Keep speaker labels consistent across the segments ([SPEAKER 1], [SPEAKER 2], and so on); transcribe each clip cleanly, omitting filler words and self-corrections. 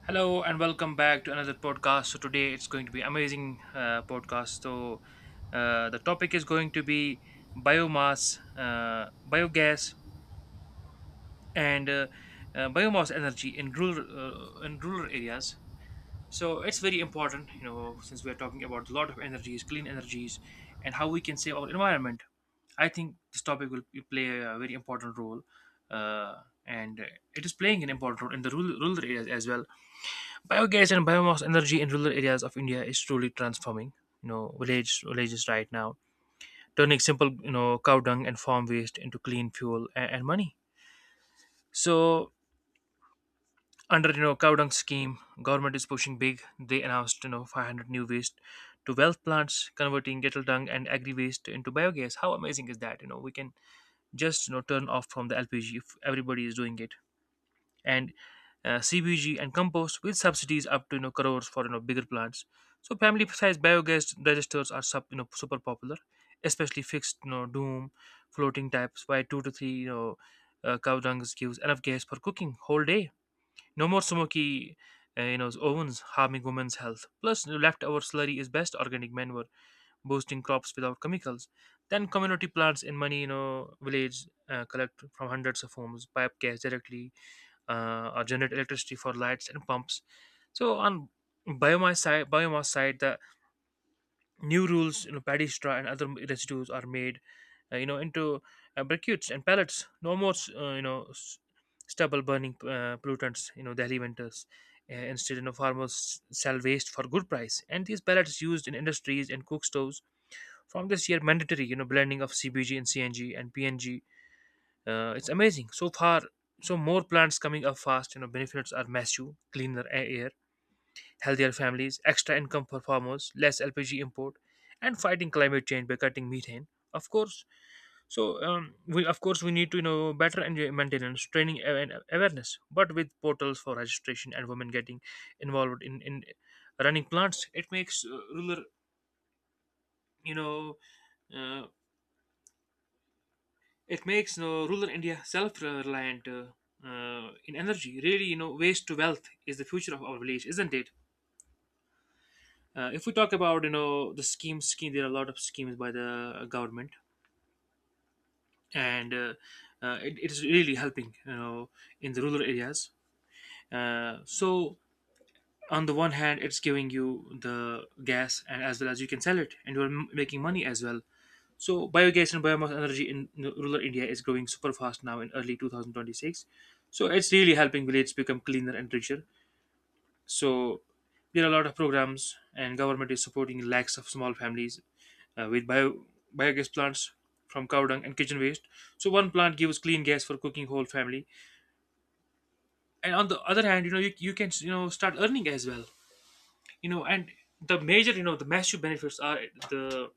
[SPEAKER 1] Hello and welcome back to another podcast. So today it's going to be amazing podcast. The topic is going to be biomass, biogas, and biomass energy in rural areas. So it's very important, you know, since we are talking about a lot of energies, clean energies, and how we can save our environment. I think this topic will play a very important role, uh, and it is playing an important role in the rural areas as well. Biogas and biomass energy in rural areas of India is truly transforming, you know, villages right now, turning simple, you know, cow dung and farm waste into clean fuel and money. So under, you know, cow dung scheme, government is pushing big. They announced, you know, 500 new waste to wealth plants, converting cattle dung and agri waste into biogas. How amazing is that? You know, we can just, you know, turn off from the LPG if everybody is doing it. And CBG and compost with subsidies up to, you know, crores for, you know, bigger plants. So family size biogas registers are you know, super popular, especially fixed, you know, doom floating types, where two to three, you know, cow dung gives enough gas for cooking whole day. No more smoky you know, ovens harming women's health. Plus, you know, leftover slurry is best organic manure, boosting crops without chemicals. Then community plants in many, you know, village, collect from hundreds of homes, pipe gas directly, or generate electricity for lights and pumps. So on biomass side, the new rules, you know, paddy straw and other residues are made, you know, into briquettes and pellets. No more, you know, stubble burning pollutants, you know, Delhi winters. Instead, you know, farmers sell waste for good price, and these pellets used in industries and cook stoves. From this year, mandatory, you know, blending of CBG and CNG and PNG. It's amazing so far, so more plants coming up fast. You know, benefits are massive: cleaner air, healthier families, extra income for farmers, less LPG import, and fighting climate change by cutting methane. Of course. So we, of course, we need to, you know, better and maintenance training and awareness, but with portals for registration and women getting involved in running plants, it makes rural, you know, uh, it makes, you know, rural India self-reliant, in energy. Really, you know, waste to wealth is the future of our village, isn't it? If we talk about, you know, the schemes, scheme there are a lot of schemes by the government, and it is really helping, you know, in the rural areas. So on the one hand, it's giving you the gas, and as well as you can sell it, and you're making money as well. So biogas and biomass energy in rural India is growing super fast now in early 2026. So it's really helping villages become cleaner and richer. So there are a lot of programs and government is supporting lakhs of small families with biogas plants from cow dung and kitchen waste. So one plant gives clean gas for cooking whole family. And on the other hand, you know, you can, you know, start earning as well. You know, and the major, you know, the massive benefits are the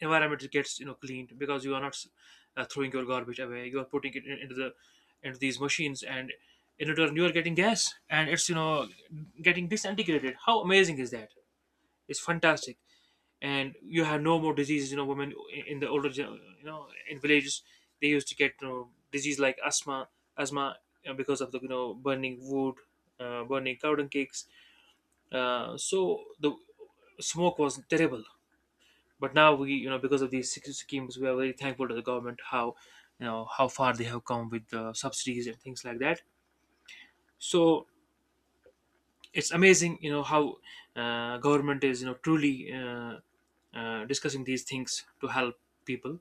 [SPEAKER 1] environment gets, you know, cleaned, because you are not throwing your garbage away, you are putting into the into these machines, and in return you are getting gas, and it's, you know, getting disintegrated. How amazing is that? It's fantastic. And you have no more diseases. You know, women in the older, you know, in villages, they used to get, you know, disease like asthma, you know, because of the, you know, burning wood, burning cow dung cakes. So the smoke was terrible, but now we, you know, because of these schemes, we are very thankful to the government, how, you know, how far they have come with the subsidies and things like that. So it's amazing, you know, how government is, you know, truly, discussing these things to help people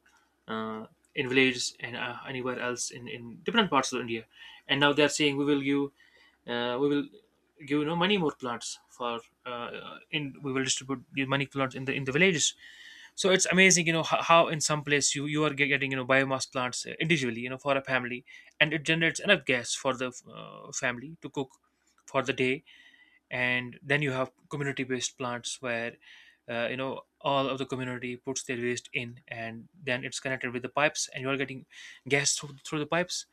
[SPEAKER 1] uh, in villages, and anywhere else in different parts of india. And now they're saying we will give, we will give, you know, many more plants for, in we will distribute the money plants in the villages. So it's amazing, you know, how in some place you, you are getting, you know, biomass plants, individually, you know, for a family, and it generates enough gas for the family to cook for the day. And then you have community based plants where, you know, all of the community puts their waste in, and then it's connected with the pipes and you are getting gas through the pipes.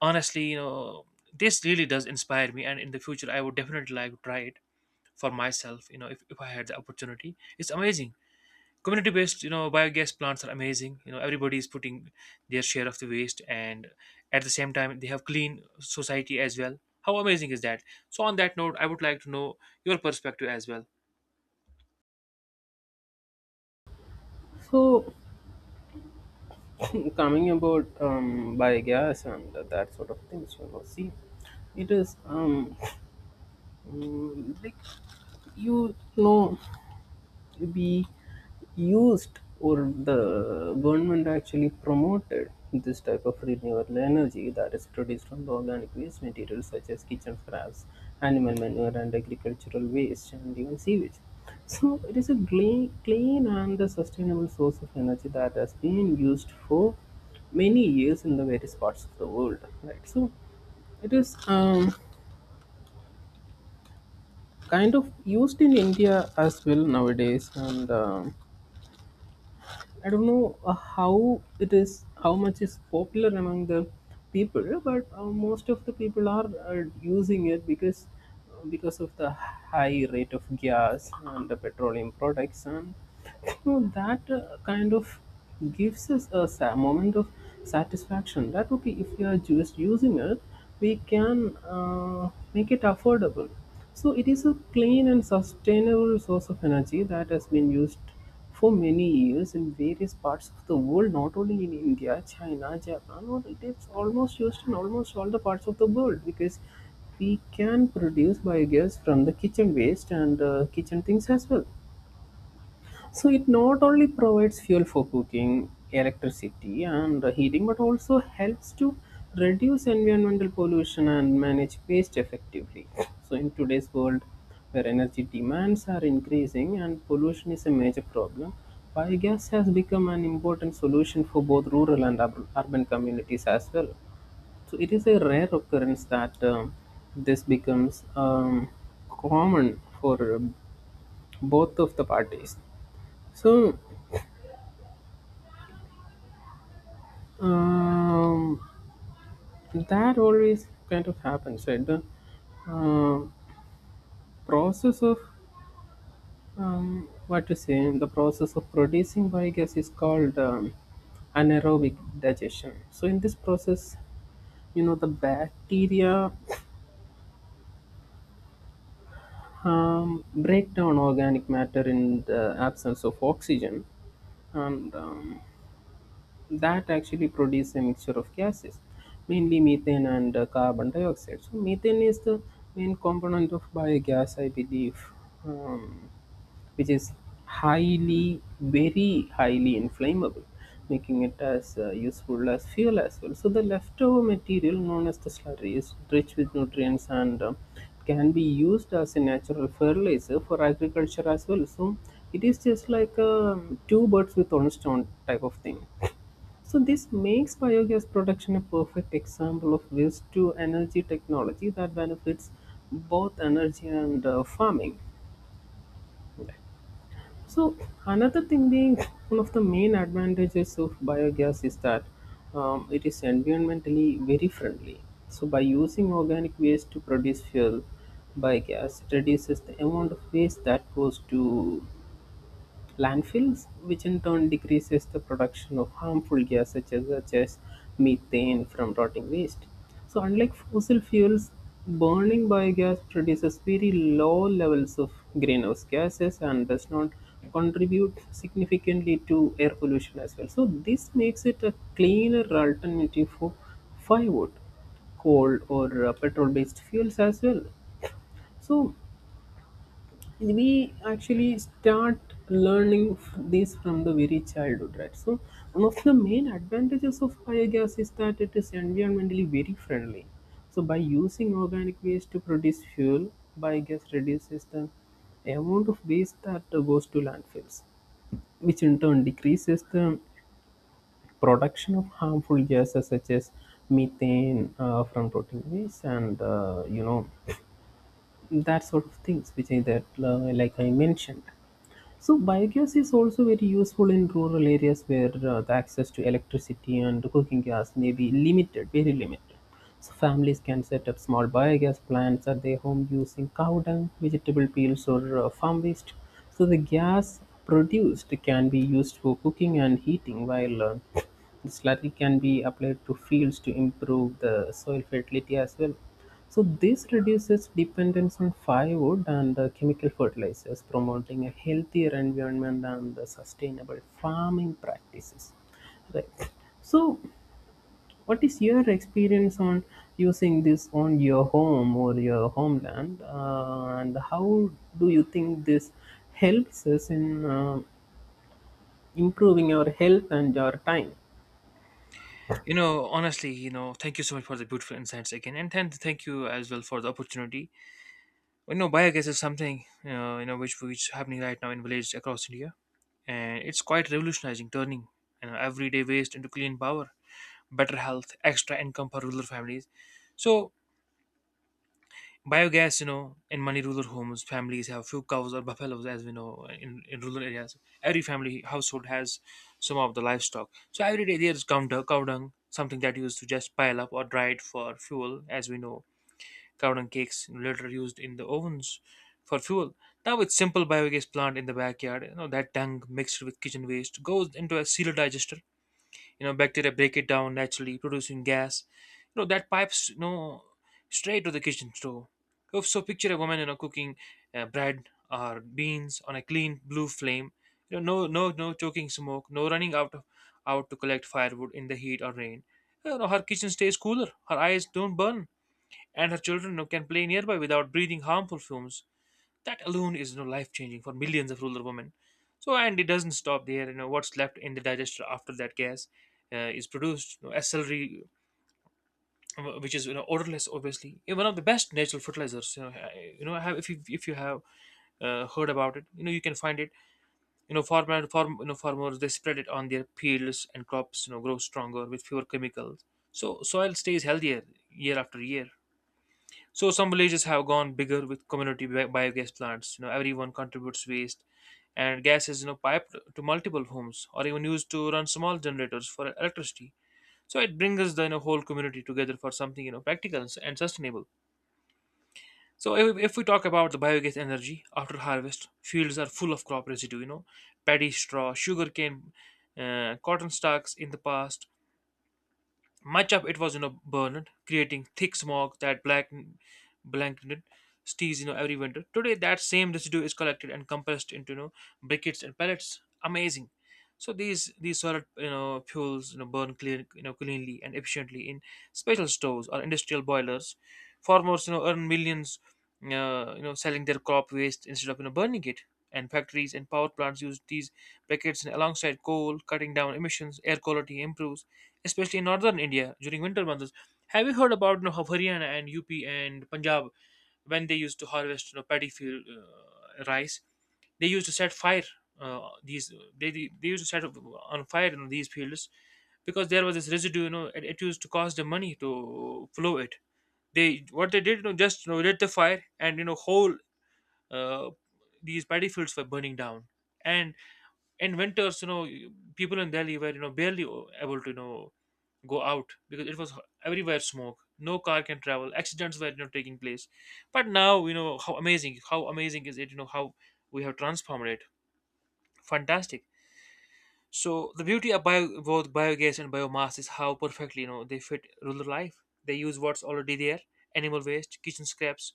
[SPEAKER 1] Honestly, you know, this really does inspire me, and in the future I would definitely like to try it for myself. You know, if I had the opportunity, it's amazing. Community based, you know, biogas plants are amazing. You know, everybody is putting their share of the waste, and at the same time they have clean society as well. How amazing is that? So on that note I would like to know your perspective as well.
[SPEAKER 2] So, coming about biogas and that sort of things, you know, see, it is mm, like you know, we used or the government actually promoted this type of renewable energy that is produced from the organic waste materials such as kitchen scraps, animal manure, and agricultural waste, and even sewage. So, it is a clean and a sustainable source of energy that has been used for many years in the various parts of the world. Right. So, it is kind of used in India as well nowadays, and I don't know how it is, how much is popular among the people, but most of the people are using it because of the high rate of gas and the petroleum products, and you know, that kind of gives us a moment of satisfaction. That okay, if we are just using it, we can make it affordable. So it is a clean and sustainable source of energy that has been used for many years, in various parts of the world, not only in India, China, Japan, or it is almost used in almost all the parts of the world because we can produce biogas from the kitchen waste and kitchen things as well. So it not only provides fuel for cooking, electricity, and heating, but also helps to reduce environmental pollution and manage waste effectively. So in today's world, where energy demands are increasing and pollution is a major problem, biogas has become an important solution for both rural and urban communities as well. So it is a rare occurrence that this becomes common for both of the parties. So Um, that always kind of happens, right? The um process of what to say, the process of producing biogas is called anaerobic digestion. So in this process, you know, the bacteria break down organic matter in the absence of oxygen, and that actually produce a mixture of gases, mainly methane and carbon dioxide. So methane is the main component of biogas, I believe, um, which is highly very highly inflammable, making it as useful as fuel as well. So the leftover material, known as the slurry, is rich with nutrients and can be used as a natural fertilizer for agriculture as well. So it is just like two birds with one stone type of thing. So this makes biogas production a perfect example of waste to energy technology that benefits both energy and farming. Okay. So another thing being, one of the main advantages of biogas is that it is environmentally very friendly. So by using organic waste to produce fuel, biogas, it reduces the amount of waste that goes to landfills, which in turn decreases the production of harmful gases such as methane from rotting waste. So, unlike fossil fuels, burning biogas produces very low levels of greenhouse gases and does not contribute significantly to air pollution as well. So, this makes it a cleaner alternative for firewood, coal, or petrol based fuels as well. So we actually start this from the very childhood, right? So one of the main advantages of biogas is that it is environmentally very friendly. So by using organic waste to produce fuel, biogas reduces the amount of waste that goes to landfills, which in turn decreases the production of harmful gases such as methane from protein waste and you know, that sort of things which I that like I mentioned. So biogas is also very useful in rural areas where the access to electricity and cooking gas may be limited very limited. So families can set up small biogas plants at their home using cow dung, vegetable peels, or farm waste. So the gas produced can be used for cooking and heating, while the slurry can be applied to fields to improve the soil fertility as well. So this reduces dependence on firewood and chemical fertilizers, promoting a healthier environment and sustainable farming practices. Right. So, what is your experience on using this on your home or your homeland, and how do you think this helps us in improving our health and your time?
[SPEAKER 1] You know, honestly, you know, thank you so much for the beautiful insights again, and then thank you as well for the opportunity. You know, biogas is something, you know, you know, which is happening right now in villages across india, and it's quite revolutionizing, turning, you know, everyday waste into clean power, better health, extra income for rural families. So biogas, you know, in many rural homes, families have few cows or buffaloes, as we know in rural areas. Every family household has some of the livestock. So every day there is cow dung, something that used to just pile up or dry it for fuel, as we know. Cow dung cakes later used in the ovens for fuel. Now it's simple biogas plant in the backyard. You know, that dung mixed with kitchen waste goes into a sealer digester. You know, bacteria break it down naturally, producing gas. You know, that pipes, you know, straight to the kitchen stove. So picture a woman, you know, cooking bread or beans on a clean blue flame. You know, no choking smoke, no running out to collect firewood in the heat or rain. You know, her kitchen stays cooler, her eyes don't burn, and her children, you know, can play nearby without breathing harmful fumes. That alone is, you know, life changing for millions of rural women. So, and it doesn't stop there. You know, what's left in the digester after that gas is produced, you know, as celery, which is, you know, odorless, obviously. Yeah, one of the best natural fertilizers. You know, have if you have heard about it, you know, you can find it. You know, you know, farmers they spread it on their fields, and crops, you know, grow stronger with fewer chemicals. So soil stays healthier year after year. So some villages have gone bigger with community biogas plants. You know, everyone contributes waste, and gas is, you know, piped to multiple homes, or even used to run small generators for electricity. So it brings the, you know, whole community together for something, you know, practical and sustainable. So if we talk about the biogas energy after harvest, fields are full of crop residue. You know, paddy straw, sugarcane, cotton stalks. In the past, much of it was, you know, burned, creating thick smog that black blanketed cities, you know, every winter. Today, that same residue is collected and compressed into, you know, briquettes and pellets. Amazing. So these solid, you know, fuels, you know, burn clean, you know, cleanly and efficiently in special stoves or industrial boilers. Farmers, you know, earn millions, you know, selling their crop waste instead of, you know, burning it. And factories and power plants use these briquettes alongside coal, cutting down emissions. Air quality improves, especially in northern India during winter months. Have you heard about, you know, how Haryana and UP and Punjab, when they used to harvest, you know, paddy field, rice? They used to set fire, these they they used to set on fire in these fields, because there was this residue. You know, it used to cost them money to flow it. They What they did, just lit the fire, and whole uh, these paddy fields were burning down. And and winters, people in Delhi were barely able to go out because it was everywhere smoke. No car can travel. Accidents were taking place. But now, how amazing, how amazing is it, how we have transformed it. Fantastic. So the beauty of both biogas and biomass is how perfectly they fit rural life. They use what's already there: animal waste, kitchen scraps,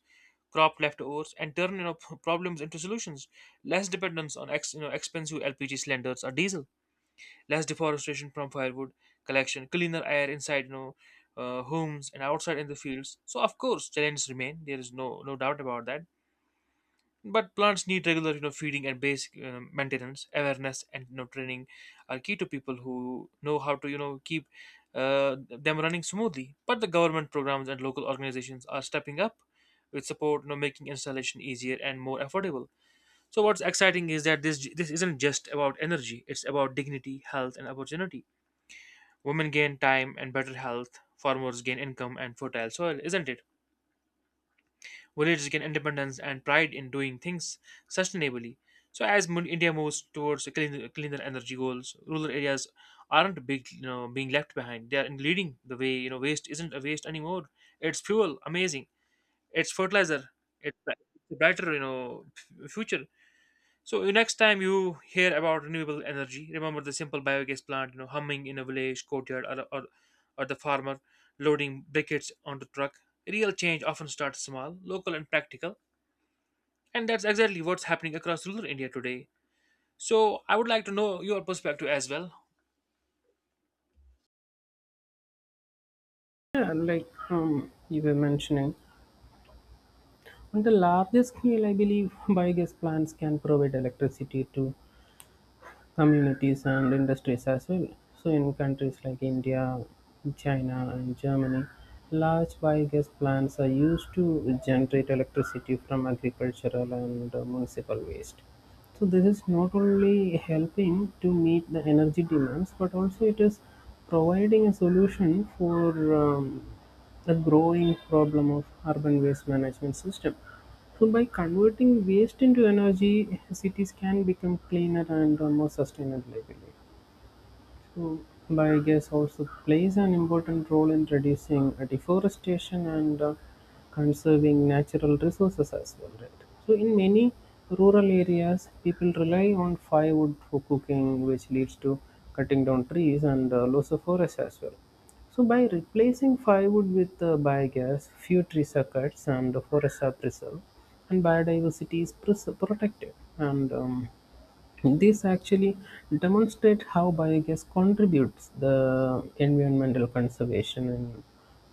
[SPEAKER 1] crop leftovers, and turn, problems into solutions. Less dependence on expensive LPG cylinders or diesel. Less deforestation from firewood collection. Cleaner air inside, homes, and outside in the fields. So of course, challenges remain. There is no doubt about that. But plants need regular, feeding and basic maintenance. Awareness and, training are key to people who know how to, keep them running smoothly. But the government programs and local organizations are stepping up with support, making installation easier and more affordable. So what's exciting is that this isn't just about energy; it's about dignity, health, and opportunity. Women gain time and better health, farmers gain income and fertile soil, isn't it? Villages gain independence and pride in doing things sustainably. So as India moves towards cleaner energy goals, rural areas aren't big, being left behind. They are in leading the way. Waste isn't a waste anymore. It's fuel, amazing. It's fertilizer. It's a brighter, future. So next time you hear about renewable energy, remember the simple biogas plant, humming in a village courtyard, or the farmer loading briquettes onto truck. Real change often starts small, local, and practical, and that's exactly what's happening across rural India today. So I would like to know your perspective as well.
[SPEAKER 2] Yeah, like you were mentioning. On the larger scale, I believe, biogas plants can provide electricity to communities and industries as well. So, in countries like India, China, and Germany, large biogas plants are used to generate electricity from agricultural and municipal waste. So, this is not only helping to meet the energy demands, but also it is providing a solution for the growing problem of urban waste management system. So by converting waste into energy, cities can become cleaner and more sustainable, I believe. So biogas also plays an important role in reducing deforestation and conserving natural resources as well, right? So in many rural areas, people rely on firewood for cooking, which leads to cutting down trees and loss of forest as well. So by replacing firewood with biogas, few tree circuits and forests are preserved, and biodiversity is protected. And this actually demonstrates how biogas contributes the environmental conservation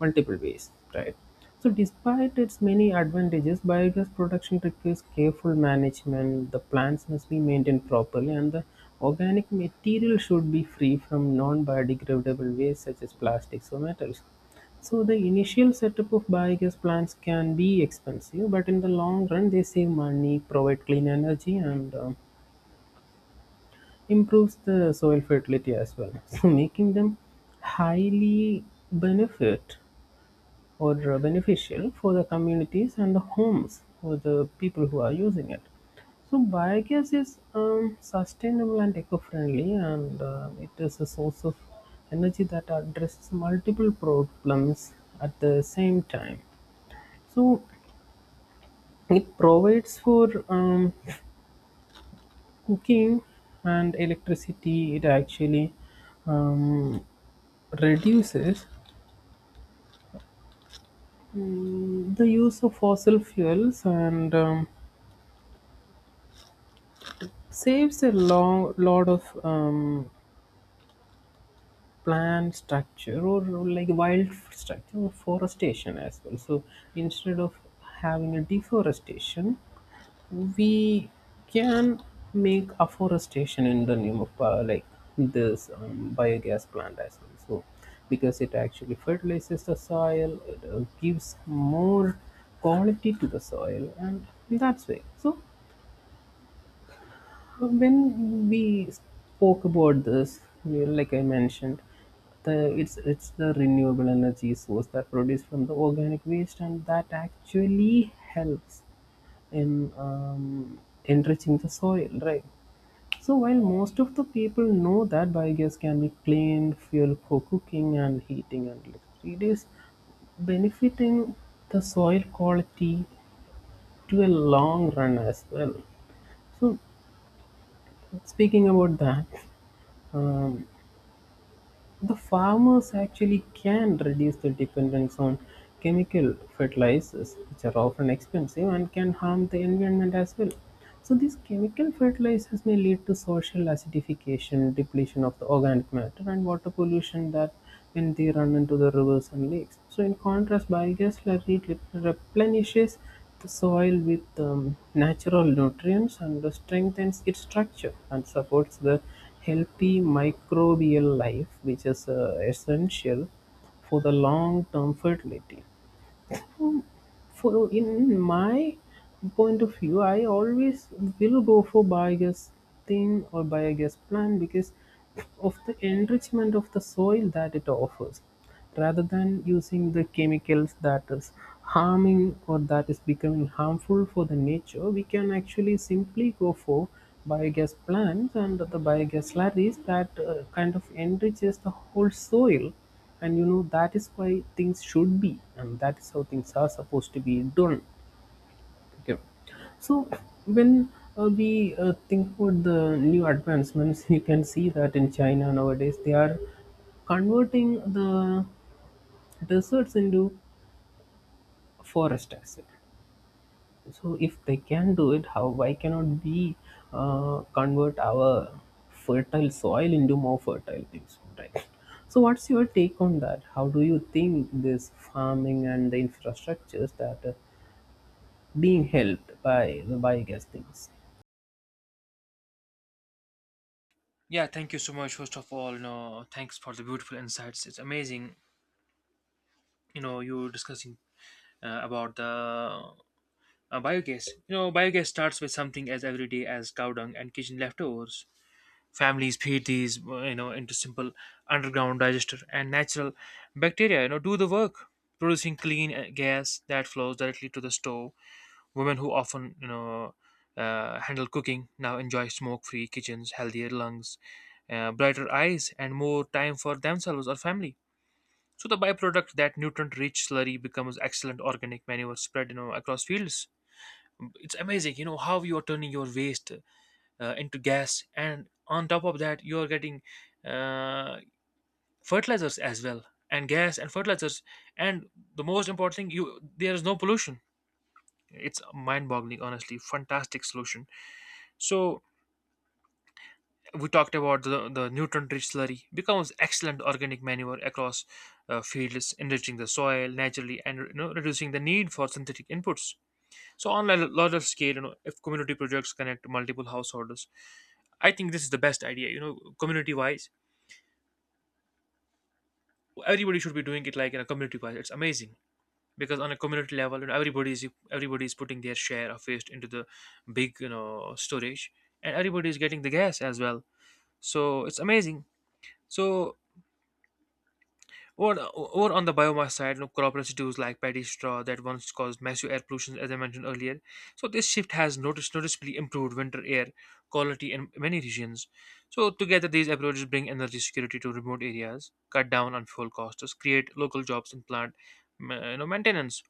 [SPEAKER 2] multiple ways, right? So, despite its many advantages, biogas production requires careful management. The plants must be maintained properly, and the organic material should be free from non biodegradable waste such as plastics or metals. So, the initial setup of biogas plants can be expensive, but in the long run, they save money, provide clean energy, and improves the soil fertility as well. So, making them highly benefit or beneficial for the communities and the homes for the people who are using it. So biogas is sustainable and eco-friendly, and it is a source of energy that addresses multiple problems at the same time. So it provides for cooking and electricity. It actually um, reduces the use of fossil fuels and saves a long lot of plant structure or like wild structure or forestation as well. So instead of having a deforestation, we can make afforestation in the name of like this biogas plant as well. So because it actually fertilizes the soil, it gives more quality to the soil, and that's way. So when we spoke about this, like I mentioned, the it's the renewable energy source that produced from the organic waste, and that actually helps in enriching the soil, right? So while most of the people know that biogas can be clean fuel for cooking and heating and electricity, it is benefiting the soil quality to a long run as well. So speaking about that, um, the farmers actually can reduce their dependence on chemical fertilizers, which are often expensive and can harm the environment as well. So, these chemical fertilizers may lead to social acidification, depletion of the organic matter, and water pollution that when they run into the rivers and lakes. So, in contrast, biogas slurry replenishes the soil with natural nutrients and strengthens its structure and supports the healthy microbial life, which is essential for the long term fertility. Um, For in my point of view, I always will go for biogas thing or biogas plant because of the enrichment of the soil that it offers, rather than using the chemicals that is harming or that is becoming harmful for the nature. We can actually simply go for biogas plants and the biogas slurries that kind of enriches the whole soil. And you know, that is why things should be, and that is how things are supposed to be done. Okay, so when we think about the new advancements, you can see that in China nowadays they are converting the deserts into forest as well. So if they can do it, how why cannot we convert our fertile soil into more fertile things, right? So what's your take on that? How do you think this farming and the infrastructures that are being helped by the biogas things?
[SPEAKER 1] Yeah, thank you so much. First of all, thanks for the beautiful insights. It's amazing, you discussing about the biogas. Biogas starts with something as everyday as cow dung and kitchen leftovers. Families feed these, into simple underground digester, and natural bacteria, do the work, producing clean gas that flows directly to the stove. Women who often, handle cooking, now enjoy smoke free kitchens, healthier lungs, brighter eyes, and more time for themselves or family. So the byproduct, that nutrient rich slurry, becomes excellent organic manure spread across fields. It's amazing, how you are turning your waste into gas, and on top of that, you are getting uh, fertilizers as well, and gas and fertilizers, and the most important thing, you there is no pollution. It's mind-boggling, honestly, fantastic solution. So we talked about the nutrient-rich slurry becomes excellent organic manure across fields, enriching the soil naturally and, reducing the need for synthetic inputs. So on a larger scale, if community projects connect multiple householders, I think this is the best idea, community wise. Everybody should be doing it, like, in a community wise, it's amazing. Because on a community level, everybody is putting their share of waste into the big, storage, and everybody is getting the gas as well. So it's amazing. So, or on the biomass side, crop residues like paddy straw that once caused massive air pollution, as I mentioned earlier. So this shift has noticeably improved winter air quality in many regions. So together, these approaches bring energy security to remote areas, cut down on fuel costs, create local jobs in plant maintenance,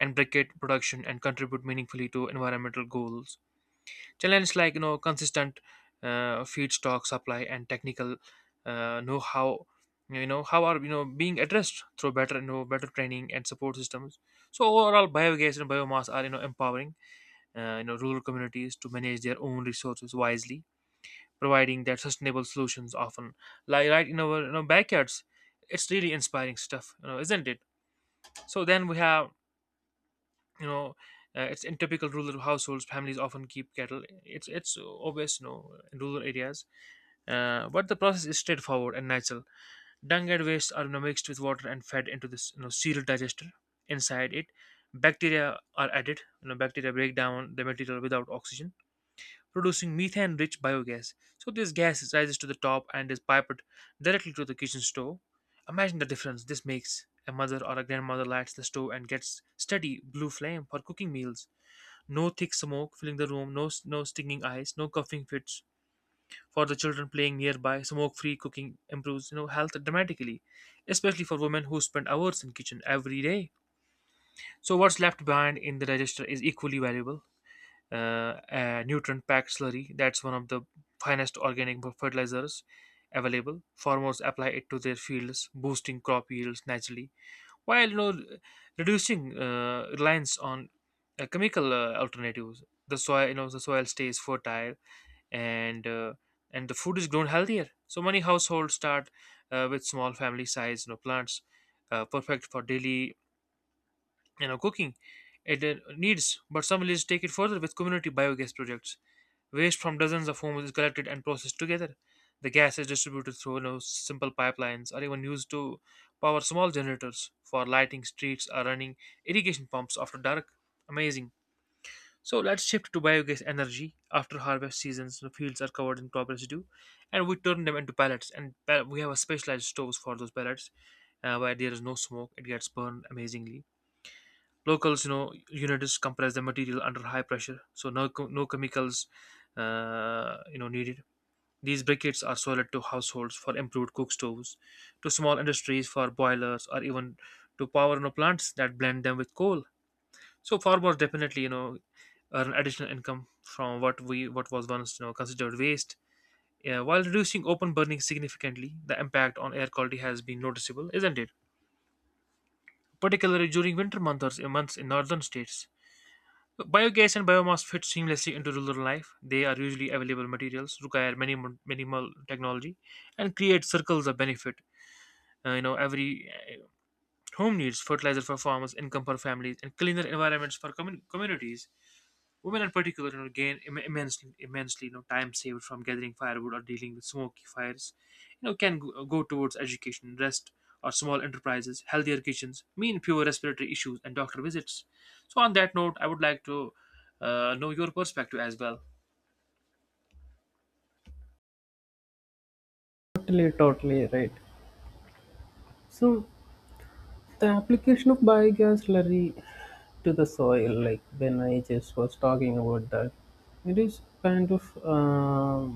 [SPEAKER 1] and briquette production, and contribute meaningfully to environmental goals. Challenges like, consistent feedstock supply and technical know how, how are, being addressed through better you know better training and support systems. So overall, biogas and biomass are, empowering, rural communities to manage their own resources wisely, providing that sustainable solutions often lie right in our, backyards. It's really inspiring stuff, isn't it? So then we have, you know it's in typical rural households, families often keep cattle. It's obvious, in rural areas. But the process is straightforward and natural. Dung and waste are, mixed with water and fed into this, cereal digester. Inside it, bacteria are added. Bacteria break down the material without oxygen, producing methane rich biogas. So this gas rises to the top and is piped directly to the kitchen stove. Imagine the difference this makes. A mother or a grandmother lights the stove and gets steady blue flame for cooking meals. No thick smoke filling the room, no stinging eyes, no coughing fits. For the children playing nearby, smoke-free cooking improves, health dramatically, especially for women who spend hours in kitchen every day. So what's left behind in the digester is equally valuable. A nutrient-packed slurry, that's one of the finest organic fertilizers available. Farmers apply it to their fields, boosting crop yields naturally while, reducing reliance on chemical alternatives. The soil stays fertile, and uh, and the food is grown healthier. So many households start with small family size, plants, perfect for daily, cooking it needs. But some villages take it further with community biogas projects. Waste from dozens of homes is collected and processed together. The gas is distributed through, simple pipelines, or even used to power small generators for lighting streets or running irrigation pumps after dark. Amazing. So let's shift to biogas energy. After harvest seasons, the fields are covered in crop residue, and we turn them into pellets. We have a specialized stoves for those pellets, where there is no smoke, it gets burned amazingly. Locals, units compress the material under high pressure, so no, no chemicals needed. These briquettes are sold to households for improved cook stoves, to small industries for boilers, or even to power, plants that blend them with coal. So farmers definitely, earn additional income from what was once, considered waste. Yeah, while reducing open burning significantly, the impact on air quality has been noticeable, isn't it? Particularly during winter months in northern states. Biogas and biomass fit seamlessly into rural life. They are usually available materials, require minimal technology, and create circles of benefit. Every home needs fertilizer for farmers, income for families, and cleaner environments for communities. Women, in particular, gain immensely, time saved from gathering firewood or dealing with smoky fires, can go towards education, rest, or small enterprises. Healthier kitchens mean fewer respiratory issues and doctor visits. So, on that note, I would like to know your perspective as well.
[SPEAKER 2] Totally, totally right. So the application of biogas slurry to the soil, like when I just was talking about that, it is kind of um,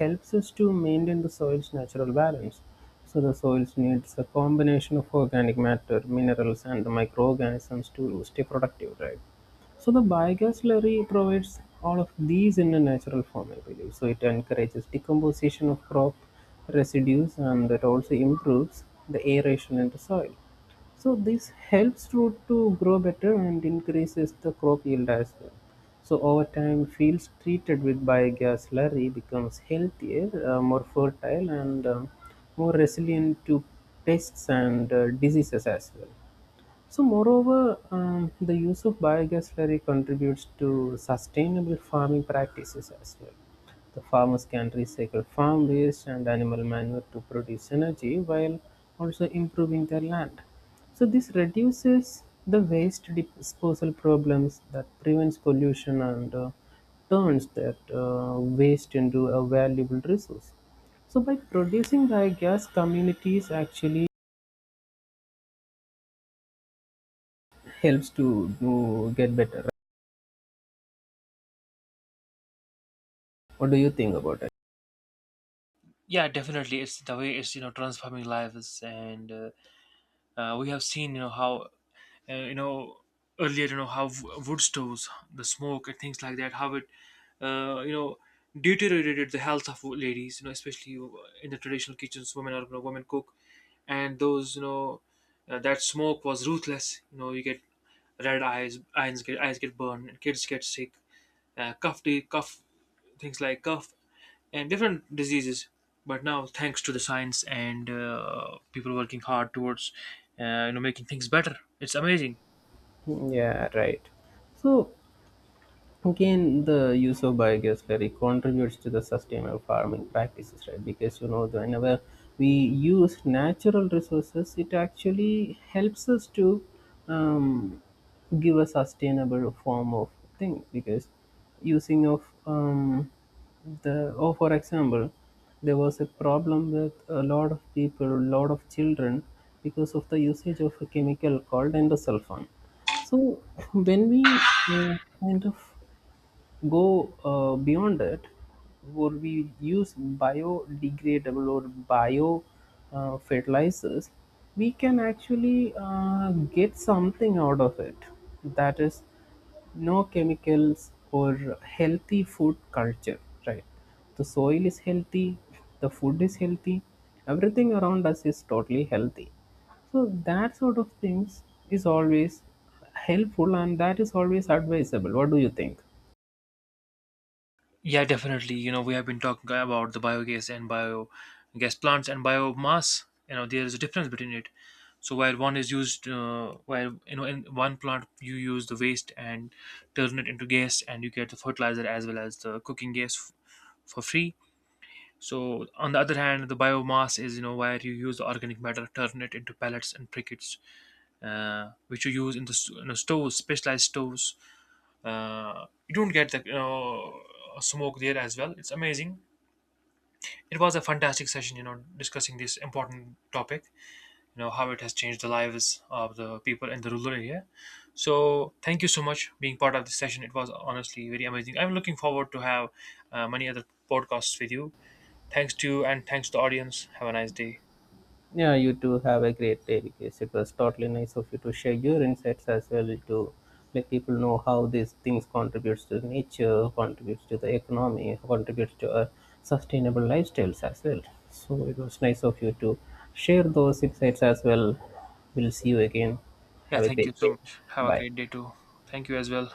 [SPEAKER 2] helps us to maintain the soil's natural balance. So the soils needs a combination of organic matter, minerals, and microorganisms to stay productive, right? So the biogas slurry provides all of these in a natural form, I believe. So it encourages decomposition of crop residues, and that also improves the aeration in the soil. So this helps root to grow better and increases the crop yield as well. So over time, fields treated with biogas slurry becomes healthier, more fertile, and more resilient to pests and diseases as well. So, moreover, the use of biogas slurry contributes to sustainable farming practices as well. The farmers can recycle farm waste and animal manure to produce energy while also improving their land. So, this reduces the waste disposal problems that prevents pollution and turns that waste into a valuable resource. So, by producing biogas, communities actually helps to get better. What do you think about it?
[SPEAKER 1] Yeah, definitely. It's the way it's, transforming lives. And we have seen, how, uh, you know earlier, how wood stoves, the smoke and things like that, how it, uh, you know deteriorated the health of ladies, especially in the traditional kitchens. Women are, women cook, and those, that smoke was ruthless. You get red eyes, eyes get burned, and kids get sick. Cough, cough, things like cough and different diseases. But now, thanks to the science, and, people working hard towards, making things better, it's amazing.
[SPEAKER 2] Yeah, right. So again, the use of biogas slurry contributes to the sustainable farming practices, right? Because you know, whenever we use natural resources, it actually helps us to um, give a sustainable form of thing. Because using of the, oh, for example, there was a problem with a lot of people, a lot of children, because of the usage of a chemical called endosulfan. So when we kind of go beyond it, or we use biodegradable or bio fertilizers, we can actually get something out of it. That is, no chemicals or healthy food culture, right? The soil is healthy, the food is healthy, everything around us is totally healthy. So that sort of things is always helpful, and that is always advisable. What do you think?
[SPEAKER 1] Yeah, definitely. We have been talking about the biogas and biogas plants and biomass. There is a difference between it. So while one is used, while, in one plant you use the waste and turn it into gas, and you get the fertilizer as well as the cooking gas for free. So on the other hand, the biomass is, where you use the organic matter, turn it into pellets and briquettes, which you use in the stoves, specialized stoves. You don't get the, smoke there as well. It's amazing. It was a fantastic session, discussing this important topic, how it has changed the lives of the people in the rural area. So thank you so much being part of this session. It was honestly very amazing. I'm looking forward to have many other podcasts with you. Thanks to you and thanks to the audience. Have a nice day.
[SPEAKER 2] Yeah, you too, have a great day, because it was totally nice of you to share your insights as well, to let people know how these things contributes to nature, contributes to the economy, contributes to a sustainable lifestyles as well. So it was nice of you to share those insights as well. We'll see you again.
[SPEAKER 1] Yeah,
[SPEAKER 2] Have a
[SPEAKER 1] thank
[SPEAKER 2] great
[SPEAKER 1] you so
[SPEAKER 2] day.
[SPEAKER 1] much. Have a
[SPEAKER 2] Bye.
[SPEAKER 1] great day too. Thank you as well.